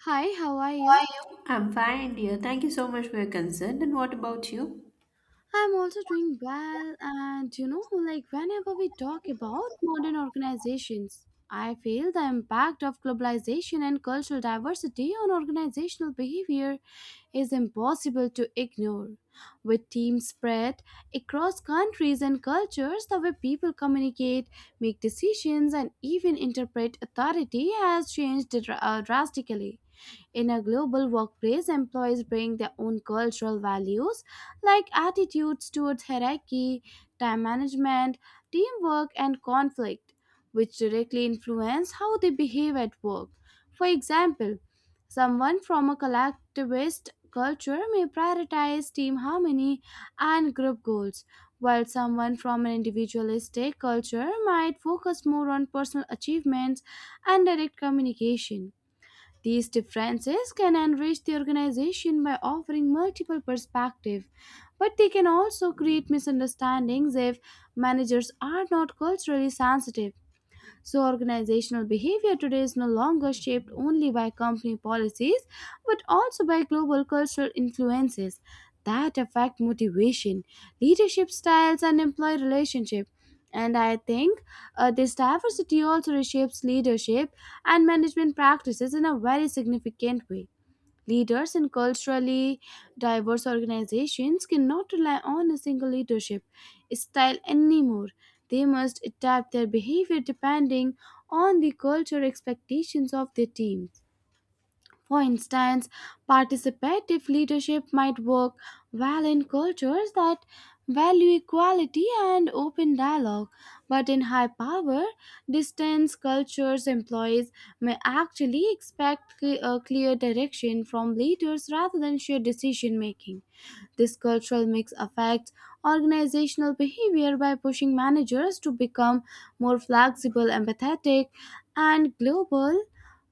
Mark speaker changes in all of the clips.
Speaker 1: Hi, how are you?
Speaker 2: I'm fine, dear. Thank you so much for your concern. And what about you?
Speaker 1: I'm also doing well, and you know, like whenever we talk about modern organizations, I feel the impact of globalization and cultural diversity on organizational behavior is impossible to ignore. With teams spread across countries and cultures, the way people communicate, make decisions, and even interpret authority has changed drastically. In a global workplace, employees bring their own cultural values like attitudes towards hierarchy, time management, teamwork, and conflict, which directly influence how they behave at work. For example, someone from a collectivist culture may prioritize team harmony and group goals, while someone from an individualistic culture might focus more on personal achievements and direct communication. These differences can enrich the organization by offering multiple perspectives, but they can also create misunderstandings if managers are not culturally sensitive. So, organizational behavior today is no longer shaped only by company policies but also by global cultural influences that affect motivation, leadership styles, and employee relationship. And I think this diversity also reshapes leadership and management practices in a very significant way. Leaders in culturally diverse organizations cannot rely on a single leadership style anymore. They must adapt their behavior depending on the cultural expectations of their teams. For instance, participative leadership might work well in cultures that value equality and open dialogue, but in high power, distance cultures employees may actually expect a clear direction from leaders rather than shared decision making. This cultural mix affects organizational behavior by pushing managers to become more flexible, empathetic, and global,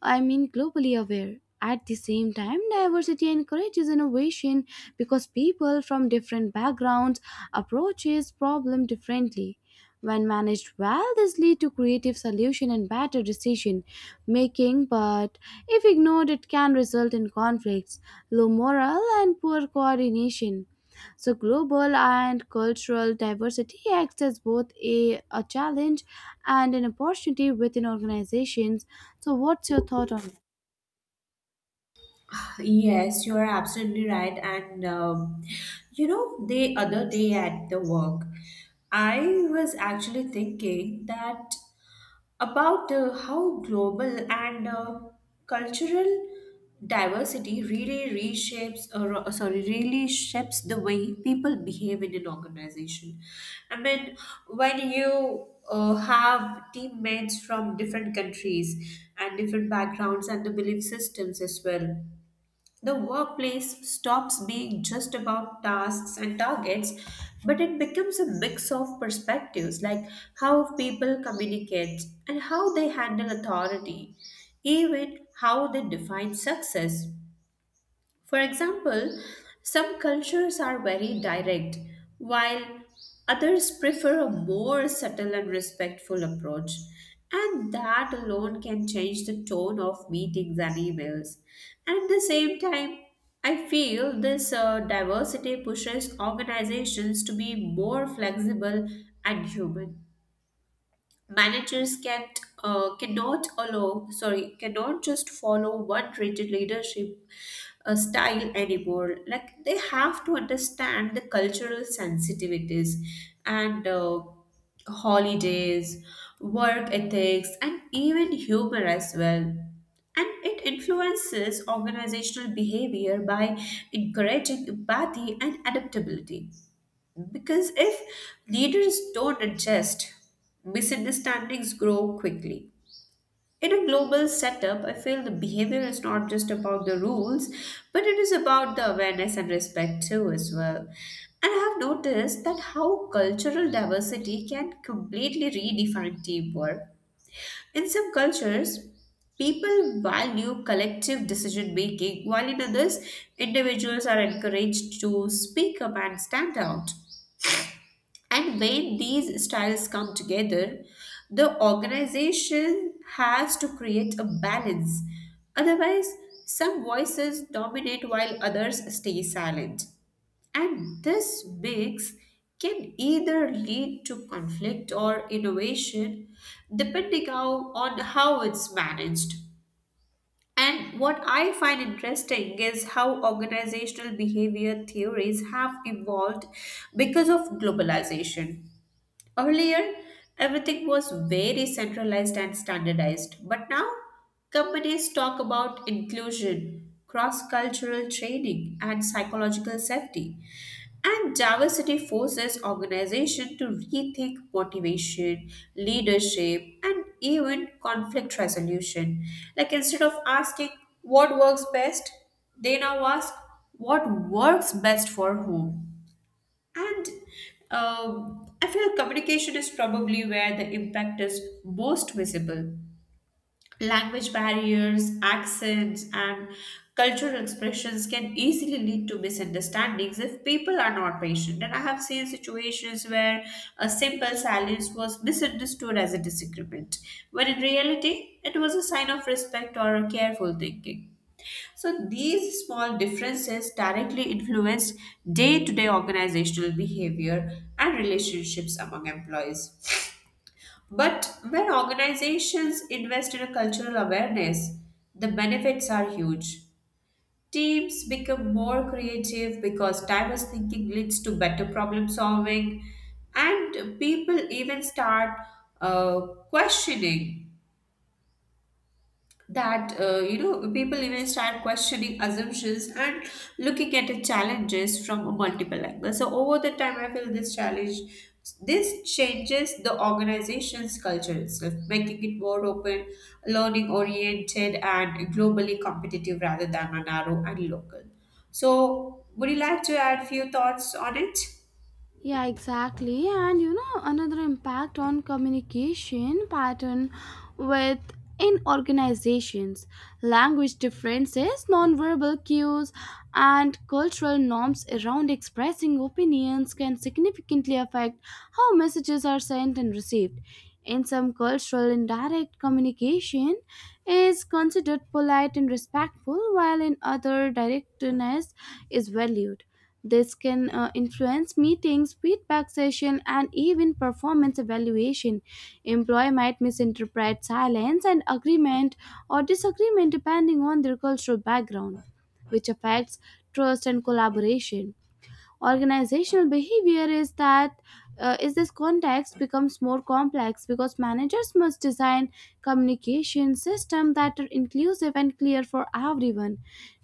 Speaker 1: I mean, globally aware. At the same time, diversity encourages innovation because people from different backgrounds approaches problem differently when managed well, this leads to creative solution and better decision making, but if ignored, it can result in conflicts, low morale, and poor coordination. So, global and cultural diversity acts as both a challenge and an opportunity within organizations. So, what's your thought on it?
Speaker 2: Yes, you're absolutely right. And You know, the other day at the work, I was actually thinking that about how global and cultural diversity really reshapes or sorry really shapes the way people behave in an organization. I mean, when you have teammates from different countries and different backgrounds and the belief systems as well, the workplace stops being just about tasks and targets, but it becomes a mix of perspectives, like how people communicate and how they handle authority, even how they define success. For example, some cultures are very direct, while others prefer a more subtle and respectful approach. And that alone can change the tone of meetings and emails. And at the same time, I feel this diversity pushes organizations to be more flexible and human. Managers can cannot allow sorry cannot just follow one rigid leadership style anymore. Like, they have to understand the cultural sensitivities and holidays, work ethics, and even humor as well. And it influences organizational behavior by encouraging empathy and adaptability, because if leaders don't adjust, misunderstandings grow quickly. In a global setup, I feel the behavior is not just about the rules, but it is about the awareness and respect too, as well. And I have noticed that how cultural diversity can completely redefine teamwork. In some cultures, people value collective decision making, while in others, individuals are encouraged to speak up and stand out. And when these styles come together, the organization has to create a balance. Otherwise, some voices dominate while others stay silent. And this mix can either lead to conflict or innovation on how it's managed. And what I find interesting is how organizational behavior theories have evolved because of globalization. Earlier, everything was very centralized and standardized, but now companies talk about inclusion, cross cultural training, and psychological safety. And diversity forces organizations to rethink motivation, leadership, and even conflict resolution. Like, instead of asking what works best, they now ask what works best for whom. And I feel communication is probably where the impact is most visible. Language barriers, accents, and cultural expressions can easily lead to misunderstandings if people are not patient. And I have seen situations where a simple silence was misunderstood as a disagreement, when in reality, it was a sign of respect or a careful thinking. So these small differences directly influence day to day organizational behavior and relationships among employees. But when organizations invest in a cultural awareness, the benefits are huge. Teams become more creative because diverse thinking leads to better problem solving, and people even start uh, questioning that you know People even start questioning assumptions and looking at the challenges from a multiple angle. So over the time, I feel this challenge this changes the organization's culture itself, making it more open, learning oriented, and globally competitive rather than a narrow and local. So would you like to add few thoughts on it?
Speaker 1: Yeah, exactly. And you know, another impact on communication pattern with in organizations, language differences, nonverbal cues, and cultural norms around expressing opinions can significantly affect how messages are sent and received. In some cultural indirect communication is considered polite and respectful, while in other directness is valued. This can influence meetings, feedback session, and even performance evaluation. Employee might misinterpret silence and agreement or disagreement depending on their cultural background, which affects trust and collaboration organizational behavior is that is this context becomes more complex because managers must design communication system that are inclusive and clear for everyone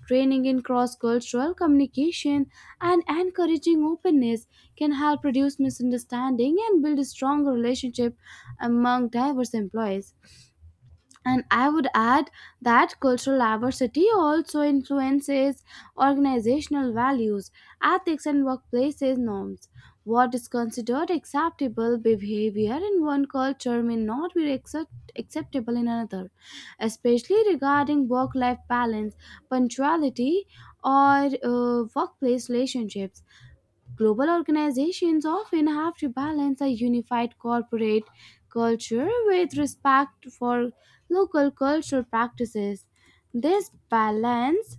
Speaker 1: training in cross-cultural communication and encouraging openness can help reduce misunderstanding and build a strong relationship among diverse employees and I would add that cultural diversity also influences organizational values, ethics, and workplaces norms. What is considered acceptable behavior in one culture may not be acceptable in another, especially regarding work life balance, punctuality, or workplace relationships. Global organizations often have to balance a unified corporate culture with respect for local cultural practices. This balance,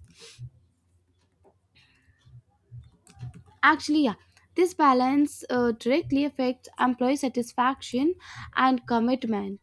Speaker 1: actually, yeah, this balance directly affects employee satisfaction and commitment.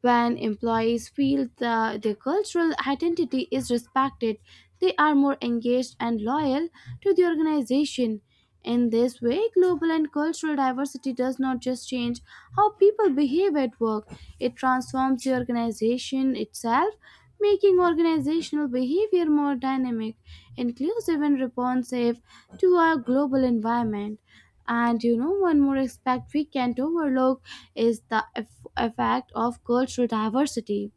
Speaker 1: When employees feel that their cultural identity is respected, they are more engaged and loyal to the organization. In this way, global and cultural diversity does not just change how people behave at work, it transforms the organization itself, making organizational behavior more dynamic, inclusive, and responsive to our global environment. And you know, one more aspect we can't overlook is the effect of cultural diversity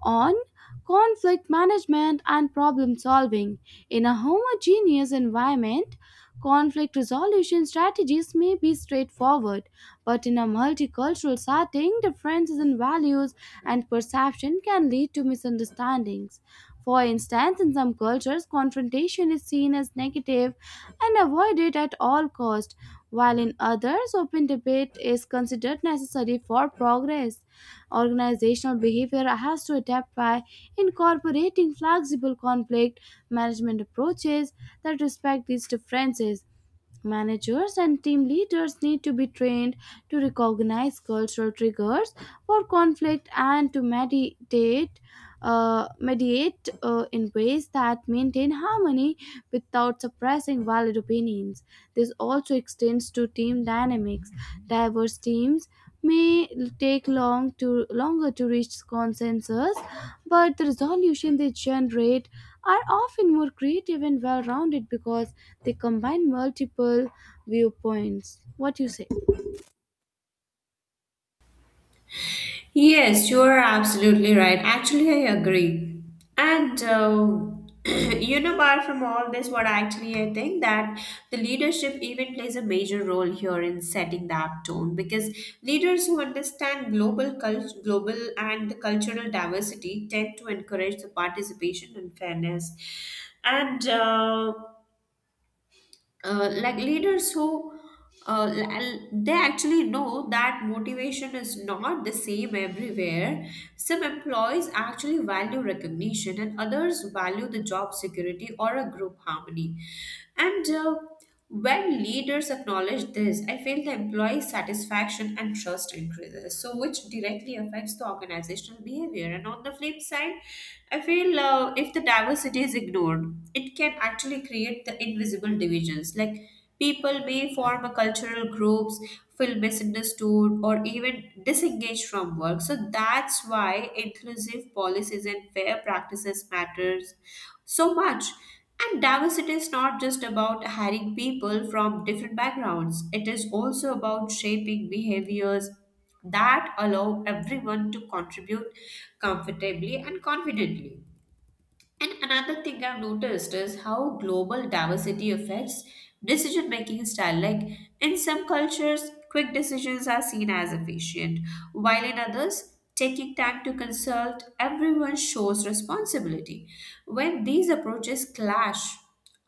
Speaker 1: on conflict management and problem solving. In a homogeneous environment, conflict resolution strategies may be straightforward, but in a multicultural setting, differences in values and perception can lead to misunderstandings. For instance, in some cultures, confrontation is seen as negative and avoided at all cost, while in others, open debate is considered necessary for progress. Organizational behavior has to adapt by incorporating flexible conflict management approaches that respect these differences. Managers and team leaders need to be trained to recognize cultural triggers for conflict and to mediate in ways that maintain harmony without suppressing valid opinions. This also extends to team dynamics. Diverse teams may take long to longer to reach consensus, but the resolution they generate are often more creative and well-rounded because they combine multiple viewpoints. What you say?
Speaker 2: Yes, you are absolutely right. Actually, I agree. And You know, apart from all this, what actually I think that the leadership even plays a major role here in setting that tone, because leaders who understand global and the cultural diversity tend to encourage the participation and fairness. And like leaders who they actually know that motivation is not the same everywhere. Some employees actually value recognition, and others value the job security or a group harmony. And when leaders acknowledge this, I feel the employee satisfaction and trust increases, so which directly affects the organizational behavior. And on the flip side, I feel if the diversity is ignored, it can actually create the invisible divisions. Like, people may form a cultural groups, feel misunderstood, or even disengaged from work. So that's why inclusive policies and fair practices matters so much. And diversity is not just about hiring people from different backgrounds, it is also about shaping behaviors that allow everyone to contribute comfortably and confidently. And another thing I've noticed is how global diversity affects decision making style. Like, in some cultures, quick decisions are seen as efficient, while in others, taking time to consult everyone shows responsibility. When these approaches clash,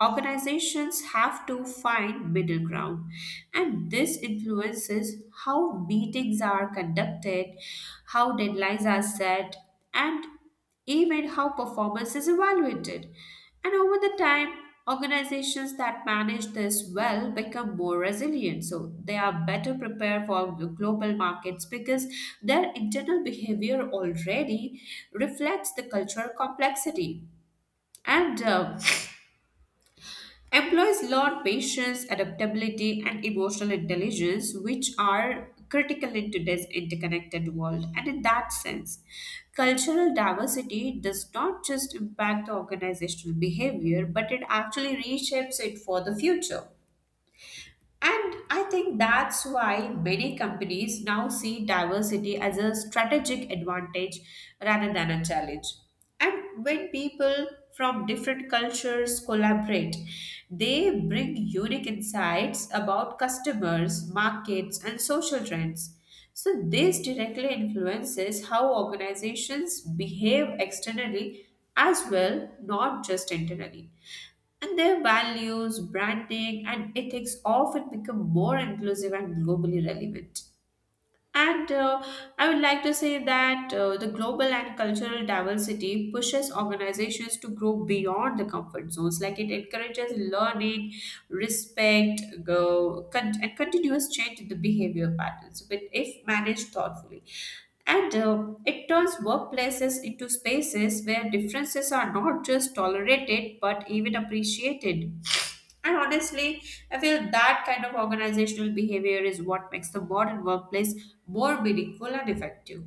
Speaker 2: organizations have to find middle ground, and this influences how meetings are conducted, how deadlines are set, and even how performance is evaluated. And over the time, organizations that manage this well become more resilient. So they are better prepared for the global markets because their internal behavior already reflects the cultural complexity. And employs learn patience, adaptability, and emotional intelligence, which are critical in today's interconnected world. And in that sense, cultural diversity does not just impact the organizational behavior, but it actually reshapes it for the future. And I think that's why many companies now see diversity as a strategic advantage rather than a challenge. And when people from different cultures collaborate, they bring unique insights about customers, markets, and social trends. So this directly influences how organizations behave externally as well, not just internally. And their values, branding, and ethics often become more inclusive and globally relevant. And I would like to say that the global and cultural diversity pushes organizations to grow beyond the comfort zones. Like, it encourages learning, and continuous change in the behavior patterns, but if managed thoughtfully. And it turns workplaces into spaces where differences are not just tolerated but even appreciated. And honestly, I feel that kind of organizational behavior is what makes the modern workplace more meaningful and effective.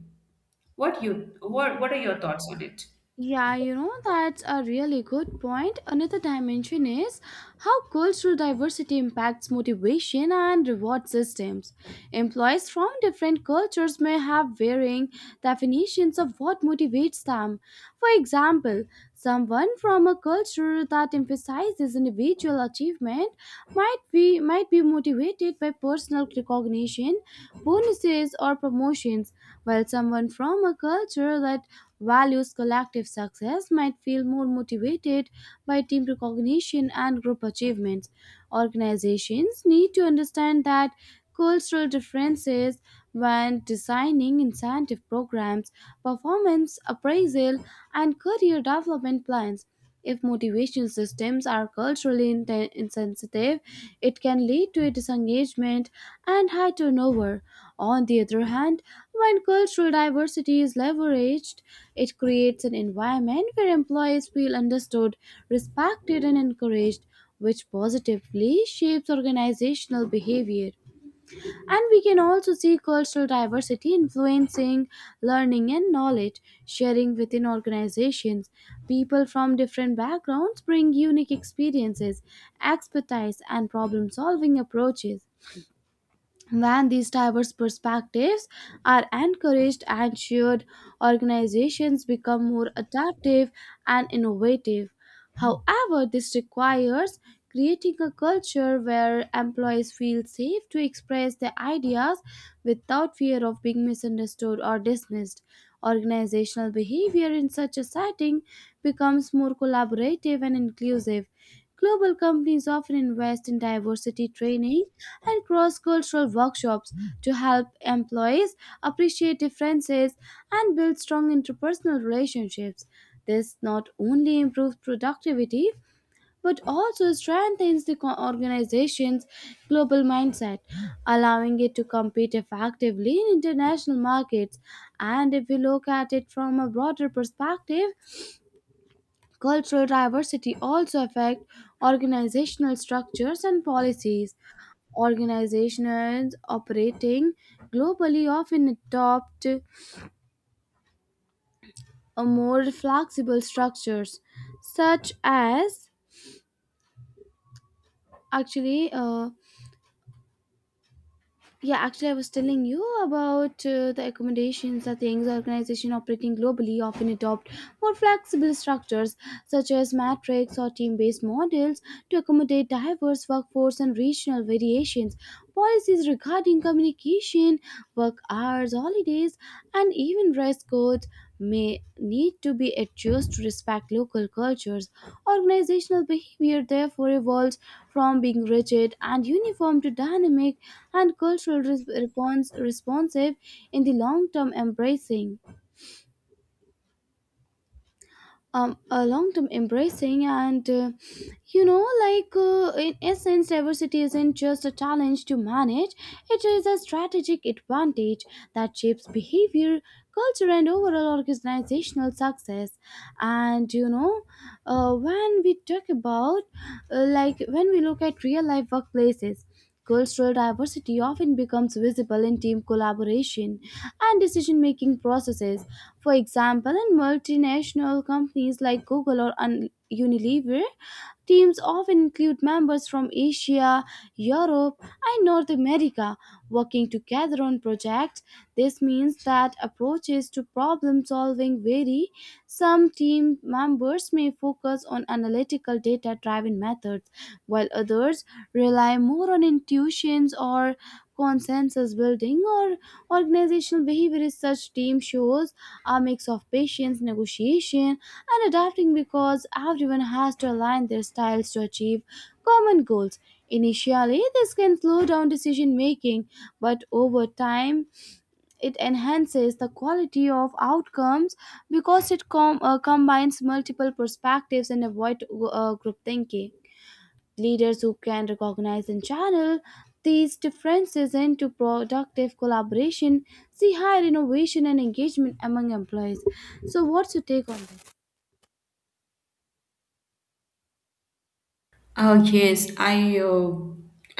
Speaker 2: What are your thoughts on it?
Speaker 1: Yeah, you know, that's a really good point. Another dimension is how cultural diversity impacts motivation and reward systems. Employees from different cultures may have varying definitions of what motivates them. For example, someone from a culture that emphasizes individual achievement might be motivated by personal recognition, bonuses or promotions, while someone from a culture that values collective success might feel more motivated by team recognition and group achievements. Organizations need to understand that cultural differences when designing incentive programs, performance appraisal, and career development plans. If motivation systems are culturally insensitive, it can lead to disengagement and high turnover. On the other hand, when cultural diversity is leveraged, it creates an environment where employees feel understood, respected, and encouraged, which positively shapes organizational behavior. And we can also see cultural diversity influencing learning and knowledge sharing within organizations. People from different backgrounds bring unique experiences, expertise, and problem solving approaches. When these diverse perspectives are encouraged and shared, organizations become more adaptive and innovative. However, this requires creating a culture where employees feel safe to express their ideas without fear of being misunderstood or dismissed. Organizational behavior in such a setting becomes more collaborative and inclusive. Global companies often invest in diversity training and cross cultural workshops to help employees appreciate differences and build strong interpersonal relationships. This not only improves productivity but also strengthens the organization's global mindset, allowing it to compete effectively in international markets. And if we look at it from a broader perspective, cultural diversity also affect organizational structures and policies. Organizations operating globally often adopt a more flexible structures, such as actually uh, I was telling you about the accommodations that things organization operating globally often adopt more flexible structures such as matrix or team-based models to accommodate diverse workforce and regional variations. Policies regarding communication, work hours, holidays, and even dress codes may need to be adjusted to respect local cultures. Organizational behavior therefore evolves from being rigid and uniform to dynamic and cultural responsive in the long term embracing. A long-term embracing and in essence diversity isn't just a challenge to manage, it is a strategic advantage that shapes behavior, culture, and overall organizational success. And you know, when we talk about like when we look at real life workplaces, cultural diversity often becomes visible in team collaboration and decision making processes. For example, in multinational companies like Google or Unilever, teams often include members from Asia, Europe, and North America working together on projects. This means that approaches to problem solving vary. Some team members may focus on analytical data driven methods, while others rely more on intuitions or consensus building or organizational behavior research team shows a mix of patience, negotiation, and adapting because everyone has to align their styles to achieve common goals. Initially, this can slow down decision making, but over time, it enhances the quality of outcomes because it combines multiple perspectives and avoid group thinking. Leaders who can recognize and channel these differences into productive collaboration see higher innovation and engagement among employees. So what's your take on this?
Speaker 2: Oh yes, I, uh,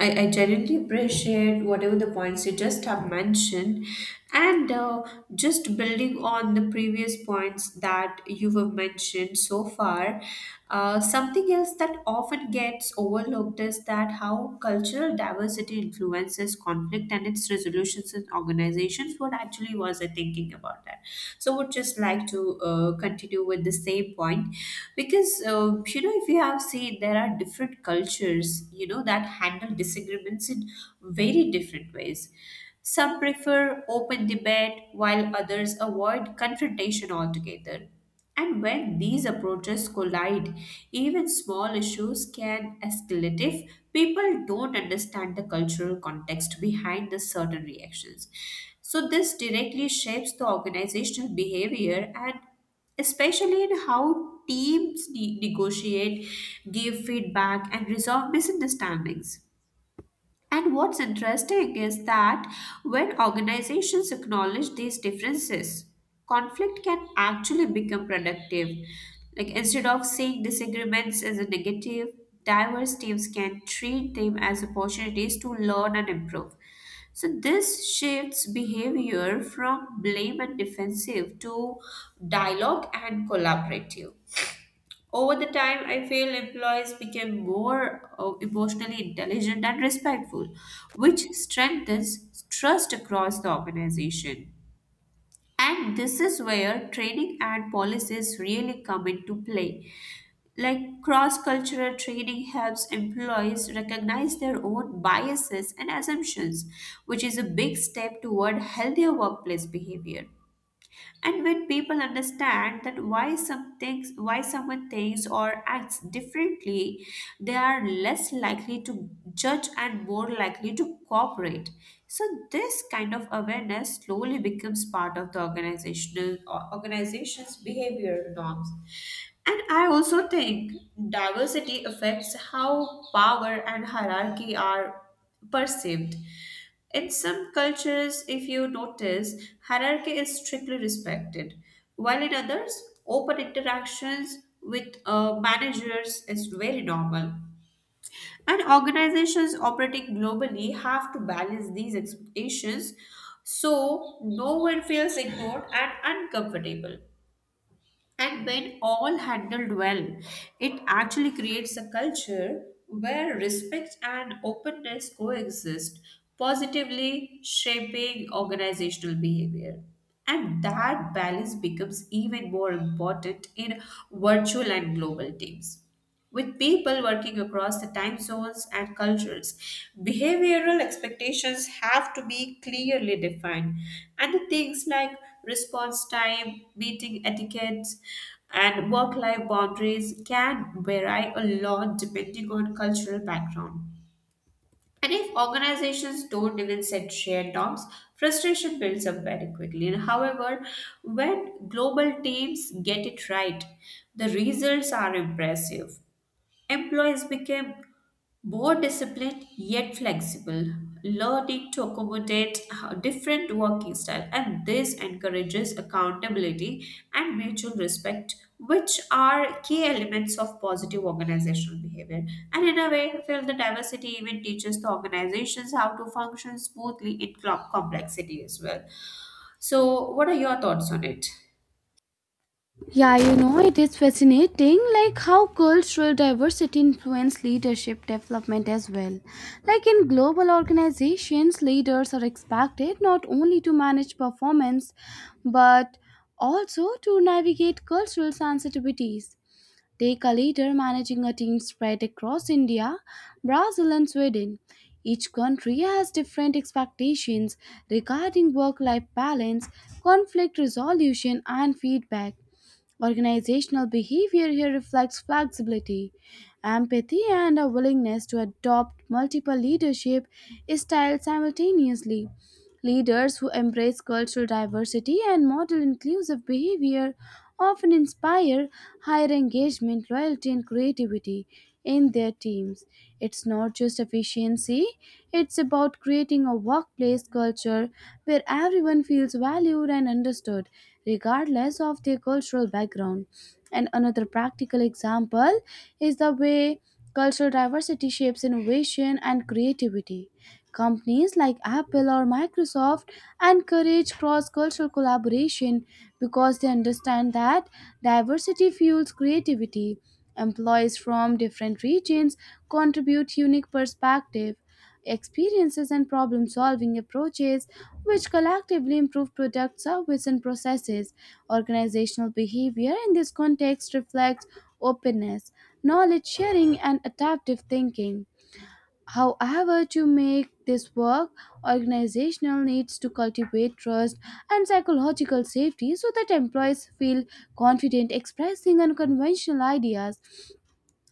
Speaker 2: I I genuinely appreciate whatever the points you just have mentioned, and just building on the previous points that you have mentioned so far. Something else that often gets overlooked is that how cultural diversity influences conflict and its resolutions in organizations. What actually was I thinking about that? So would just like to continue with the same point, because you know, if you have seen, there are different cultures, you know, that handle disagreements in very different ways. Some prefer open debate while others avoid confrontation altogether, and when these approaches collide, even small issues can escalate if people don't understand the cultural context behind the certain reactions. So, this directly shapes the organizational behavior, and especially in how teams negotiate, give feedback, and resolve misunderstandings. And what's interesting is that when organizations acknowledge these differences, conflict can actually become productive. Like, instead of seeing disagreements as a negative, diverse teams can treat them as opportunities to learn and improve. So this shifts behavior from blame and defensive to dialogue and collaborative. Over the time, I feel employees became more emotionally intelligent and respectful, which strengthens trust across the organization. And this is where training and policies really come into play. Like, cross cultural training helps employees recognize their own biases and assumptions, which is a big step toward healthier workplace behavior. And when people understand that why some things, why someone thinks or acts differently, they are less likely to judge and more likely to cooperate. So this kind of awareness slowly becomes part of the organizational organization's behavior norms. And I also think diversity affects how power and hierarchy are perceived. In some cultures, if you notice, hierarchy is strictly respected, while in others, open interactions with managers is very normal. And organizations operating globally have to balance these expectations so no one feels ignored and uncomfortable. And when all handled well, it actually creates a culture where respect and openness coexist, positively shaping organizational behavior. And that balance becomes even more important in virtual and global teams, with people working across the time zones and cultures. Behavioral expectations have to be clearly defined, and the things like response time, meeting etiquettes, and work life boundaries can vary a lot depending on cultural background. And if organizations don't even set shared norms, frustration builds up very quickly. And however, when global teams get it right, the results are impressive. Employees became more disciplined yet flexible, learning to accommodate different working style, and this encourages accountability and mutual respect, which are key elements of positive organizational behavior. And in a way, I feel the diversity even teaches the organizations how to function smoothly in complexity as well. So, what are your thoughts on it?
Speaker 1: Yeah, you know, it is fascinating like how cultural diversity influence leadership development as well. Like in global organizations, leaders are expected not only to manage performance but also to navigate cultural sensitivities. Take a leader managing a team spread across India, Brazil, and Sweden. Each country has different expectations regarding work life balance, conflict resolution, and feedback. Organizational behavior here reflects flexibility, empathy, and a willingness to adopt multiple leadership styles simultaneously. Leaders who embrace cultural diversity and model inclusive behavior often inspire higher engagement, loyalty, and creativity in their teams. It's not just efficiency, it's about creating a workplace culture where everyone feels valued and understood, regardless of their cultural background. And another practical example is the way cultural diversity shapes innovation and creativity. Companies like Apple or Microsoft encourage cross cultural collaboration because they understand that diversity fuels creativity. Employees from different regions contribute unique perspective, experiences, and problem solving approaches, which collectively improve product service and processes. Organizational behavior in this context reflects openness, knowledge sharing, and adaptive thinking. However, to make this work, organizational needs to cultivate trust and psychological safety so that employees feel confident expressing unconventional ideas.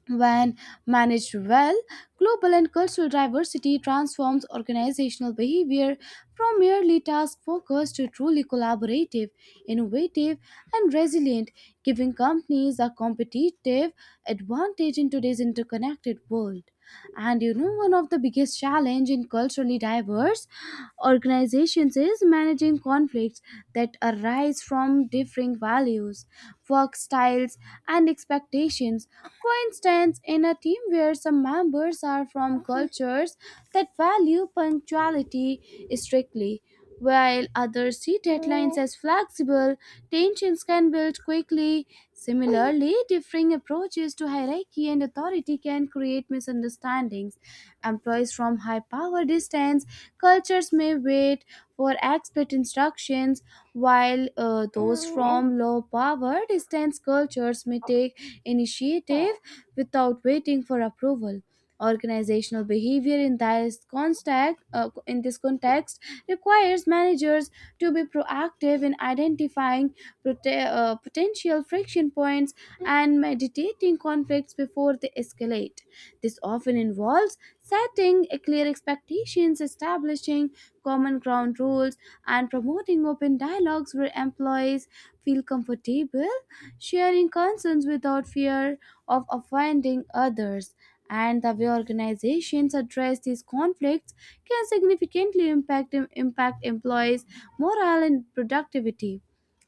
Speaker 1: When managed well, global and cultural diversity transforms organizational behavior from merely task focused to truly collaborative, innovative, and resilient, giving companies a competitive advantage in today's interconnected world. And you know, one of the biggest challenge in culturally diverse organizations is managing conflicts that arise from differing values, work styles, and expectations. For instance, in a team where some members are from cultures that value punctuality strictly, while others see deadlines as flexible, tensions can build quickly. Similarly, differing approaches to hierarchy and authority can create misunderstandings. Employees from high power distance cultures may wait for expert instructions, while those from low power distance cultures may take initiative without waiting for approval. Organizational behavior in this context requires managers to be proactive in identifying potential friction points and mediating conflicts before they escalate. This often involves setting a clear expectations, establishing common ground rules, and promoting open dialogues where employees feel comfortable sharing concerns without fear of offending others. And the way organizations address these conflicts can significantly impact employees' morale and productivity.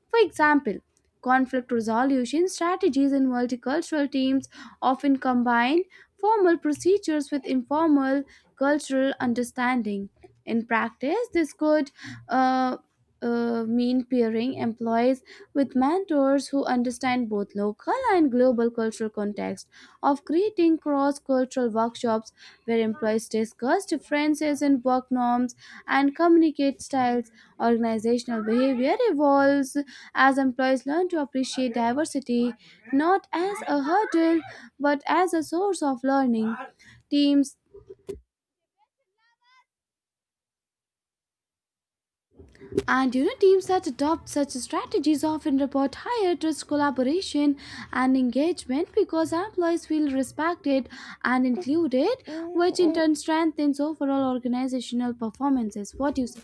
Speaker 1: For example, conflict resolution strategies in multicultural teams often combine formal procedures with informal cultural understanding. In practice, this could uh, mean pairing employees with mentors who understand both local and global cultural context, of creating cross cultural workshops where employees discuss differences in work norms and communicate styles. Organizational behavior evolves as employees learn to appreciate diversity not as a hurdle but as a source of learning teams. And you know, teams that adopt such strategies often report higher trust collaboration and engagement because employees feel respected and included, which in turn strengthens overall organizational performances. What do you say?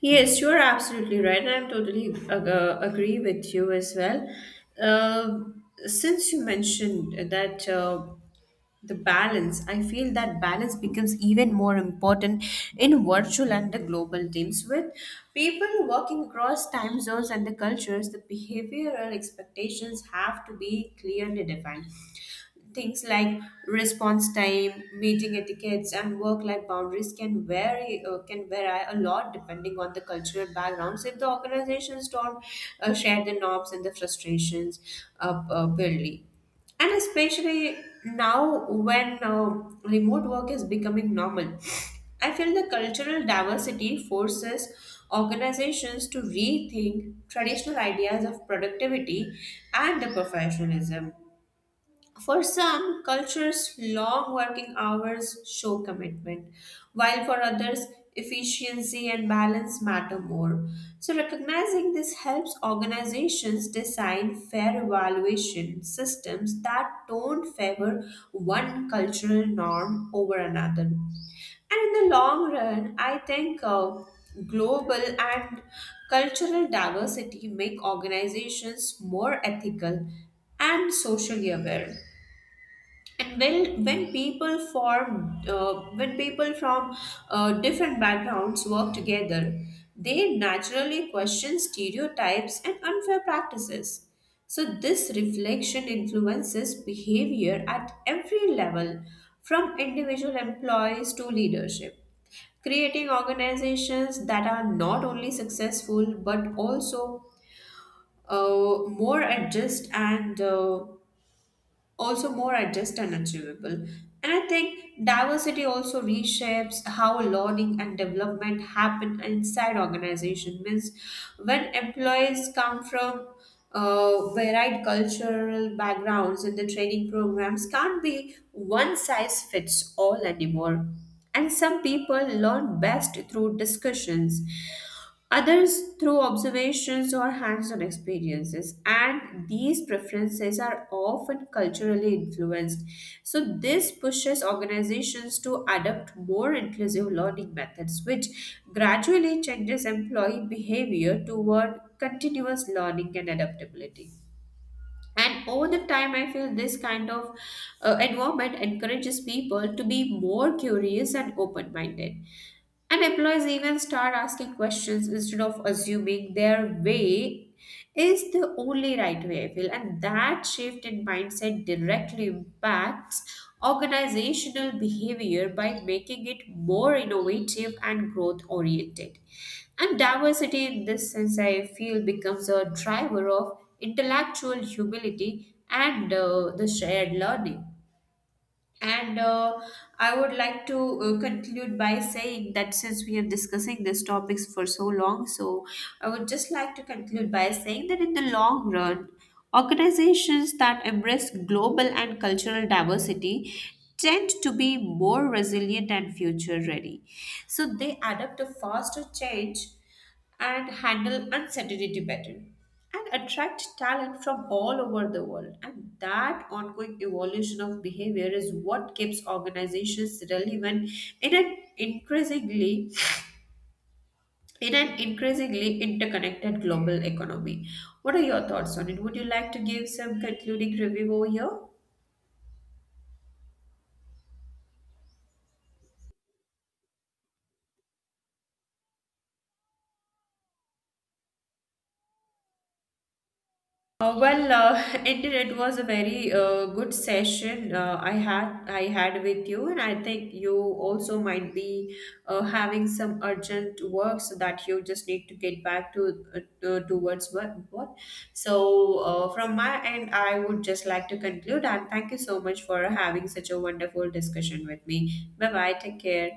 Speaker 2: Yes, you are absolutely right, and I totally agree with you as well. Uh, since you mentioned that the balance, I feel that balance becomes even more important in virtual and the global teams. With people working across time zones and the cultures, the behavioral expectations have to be clearly defined. Things like response time, meeting etiquettes, and work-life boundaries can vary a lot depending on the cultural backgrounds. If the organizations don't share the norms and the frustrations buildly, and especially now when remote work is becoming normal, I feel the cultural diversity forces organizations to rethink traditional ideas of productivity and the professionalism. For some cultures, long working hours show commitment, while for others, efficiency and balance matter more. So, recognizing this helps organizations design fair evaluation systems that don't favor one cultural norm over another. And in the long run, I think global and cultural diversity make organizations more ethical and socially aware. And when people from different backgrounds work together, they naturally question stereotypes and unfair practices. So this reflection influences behavior at every level, from individual employees to leadership, creating organizations that are not only successful but uh, more adjust and uh, also more adjust and achievable. And I think diversity also reshapes how learning and development happen inside organization. Means when employees come from varied cultural backgrounds and the training programs can't be one size fits all anymore. And some people learn best through discussions, others through observations or hands on experiences. And these preferences are often culturally influenced. So, this pushes organizations to adopt more inclusive learning methods, which gradually changes employee behavior toward continuous learning and adaptability. And over the time, I feel this kind of environment encourages people to be more curious and open minded, and employees even start asking questions instead of assuming their way is the only right way, I feel. And that shift in mindset directly impacts organizational behavior by making it more innovative and growth oriented. And diversity in this sense, I feel, becomes a driver of intellectual humility and the shared learning. And I would like to conclude by saying that since we are discussing these topics for so long, so I would just like to conclude by saying that in the long run, organizations that embrace global and cultural diversity tend to be more resilient and future ready. So they adapt to faster change and handle uncertainty better and attract talent from all over the world. And that ongoing evolution of behavior is what keeps organizations relevant in an increasingly in an increasingly interconnected global economy. What are your thoughts on it? Would you like to give some concluding review over here? Well, indeed, it was a very good session I had with you, and I think you also might be having some urgent work, so that you just need to get back to uh, towards what. So, from my end, I would just like to conclude, and thank you so much for having such a wonderful discussion with me. Bye bye. Take care.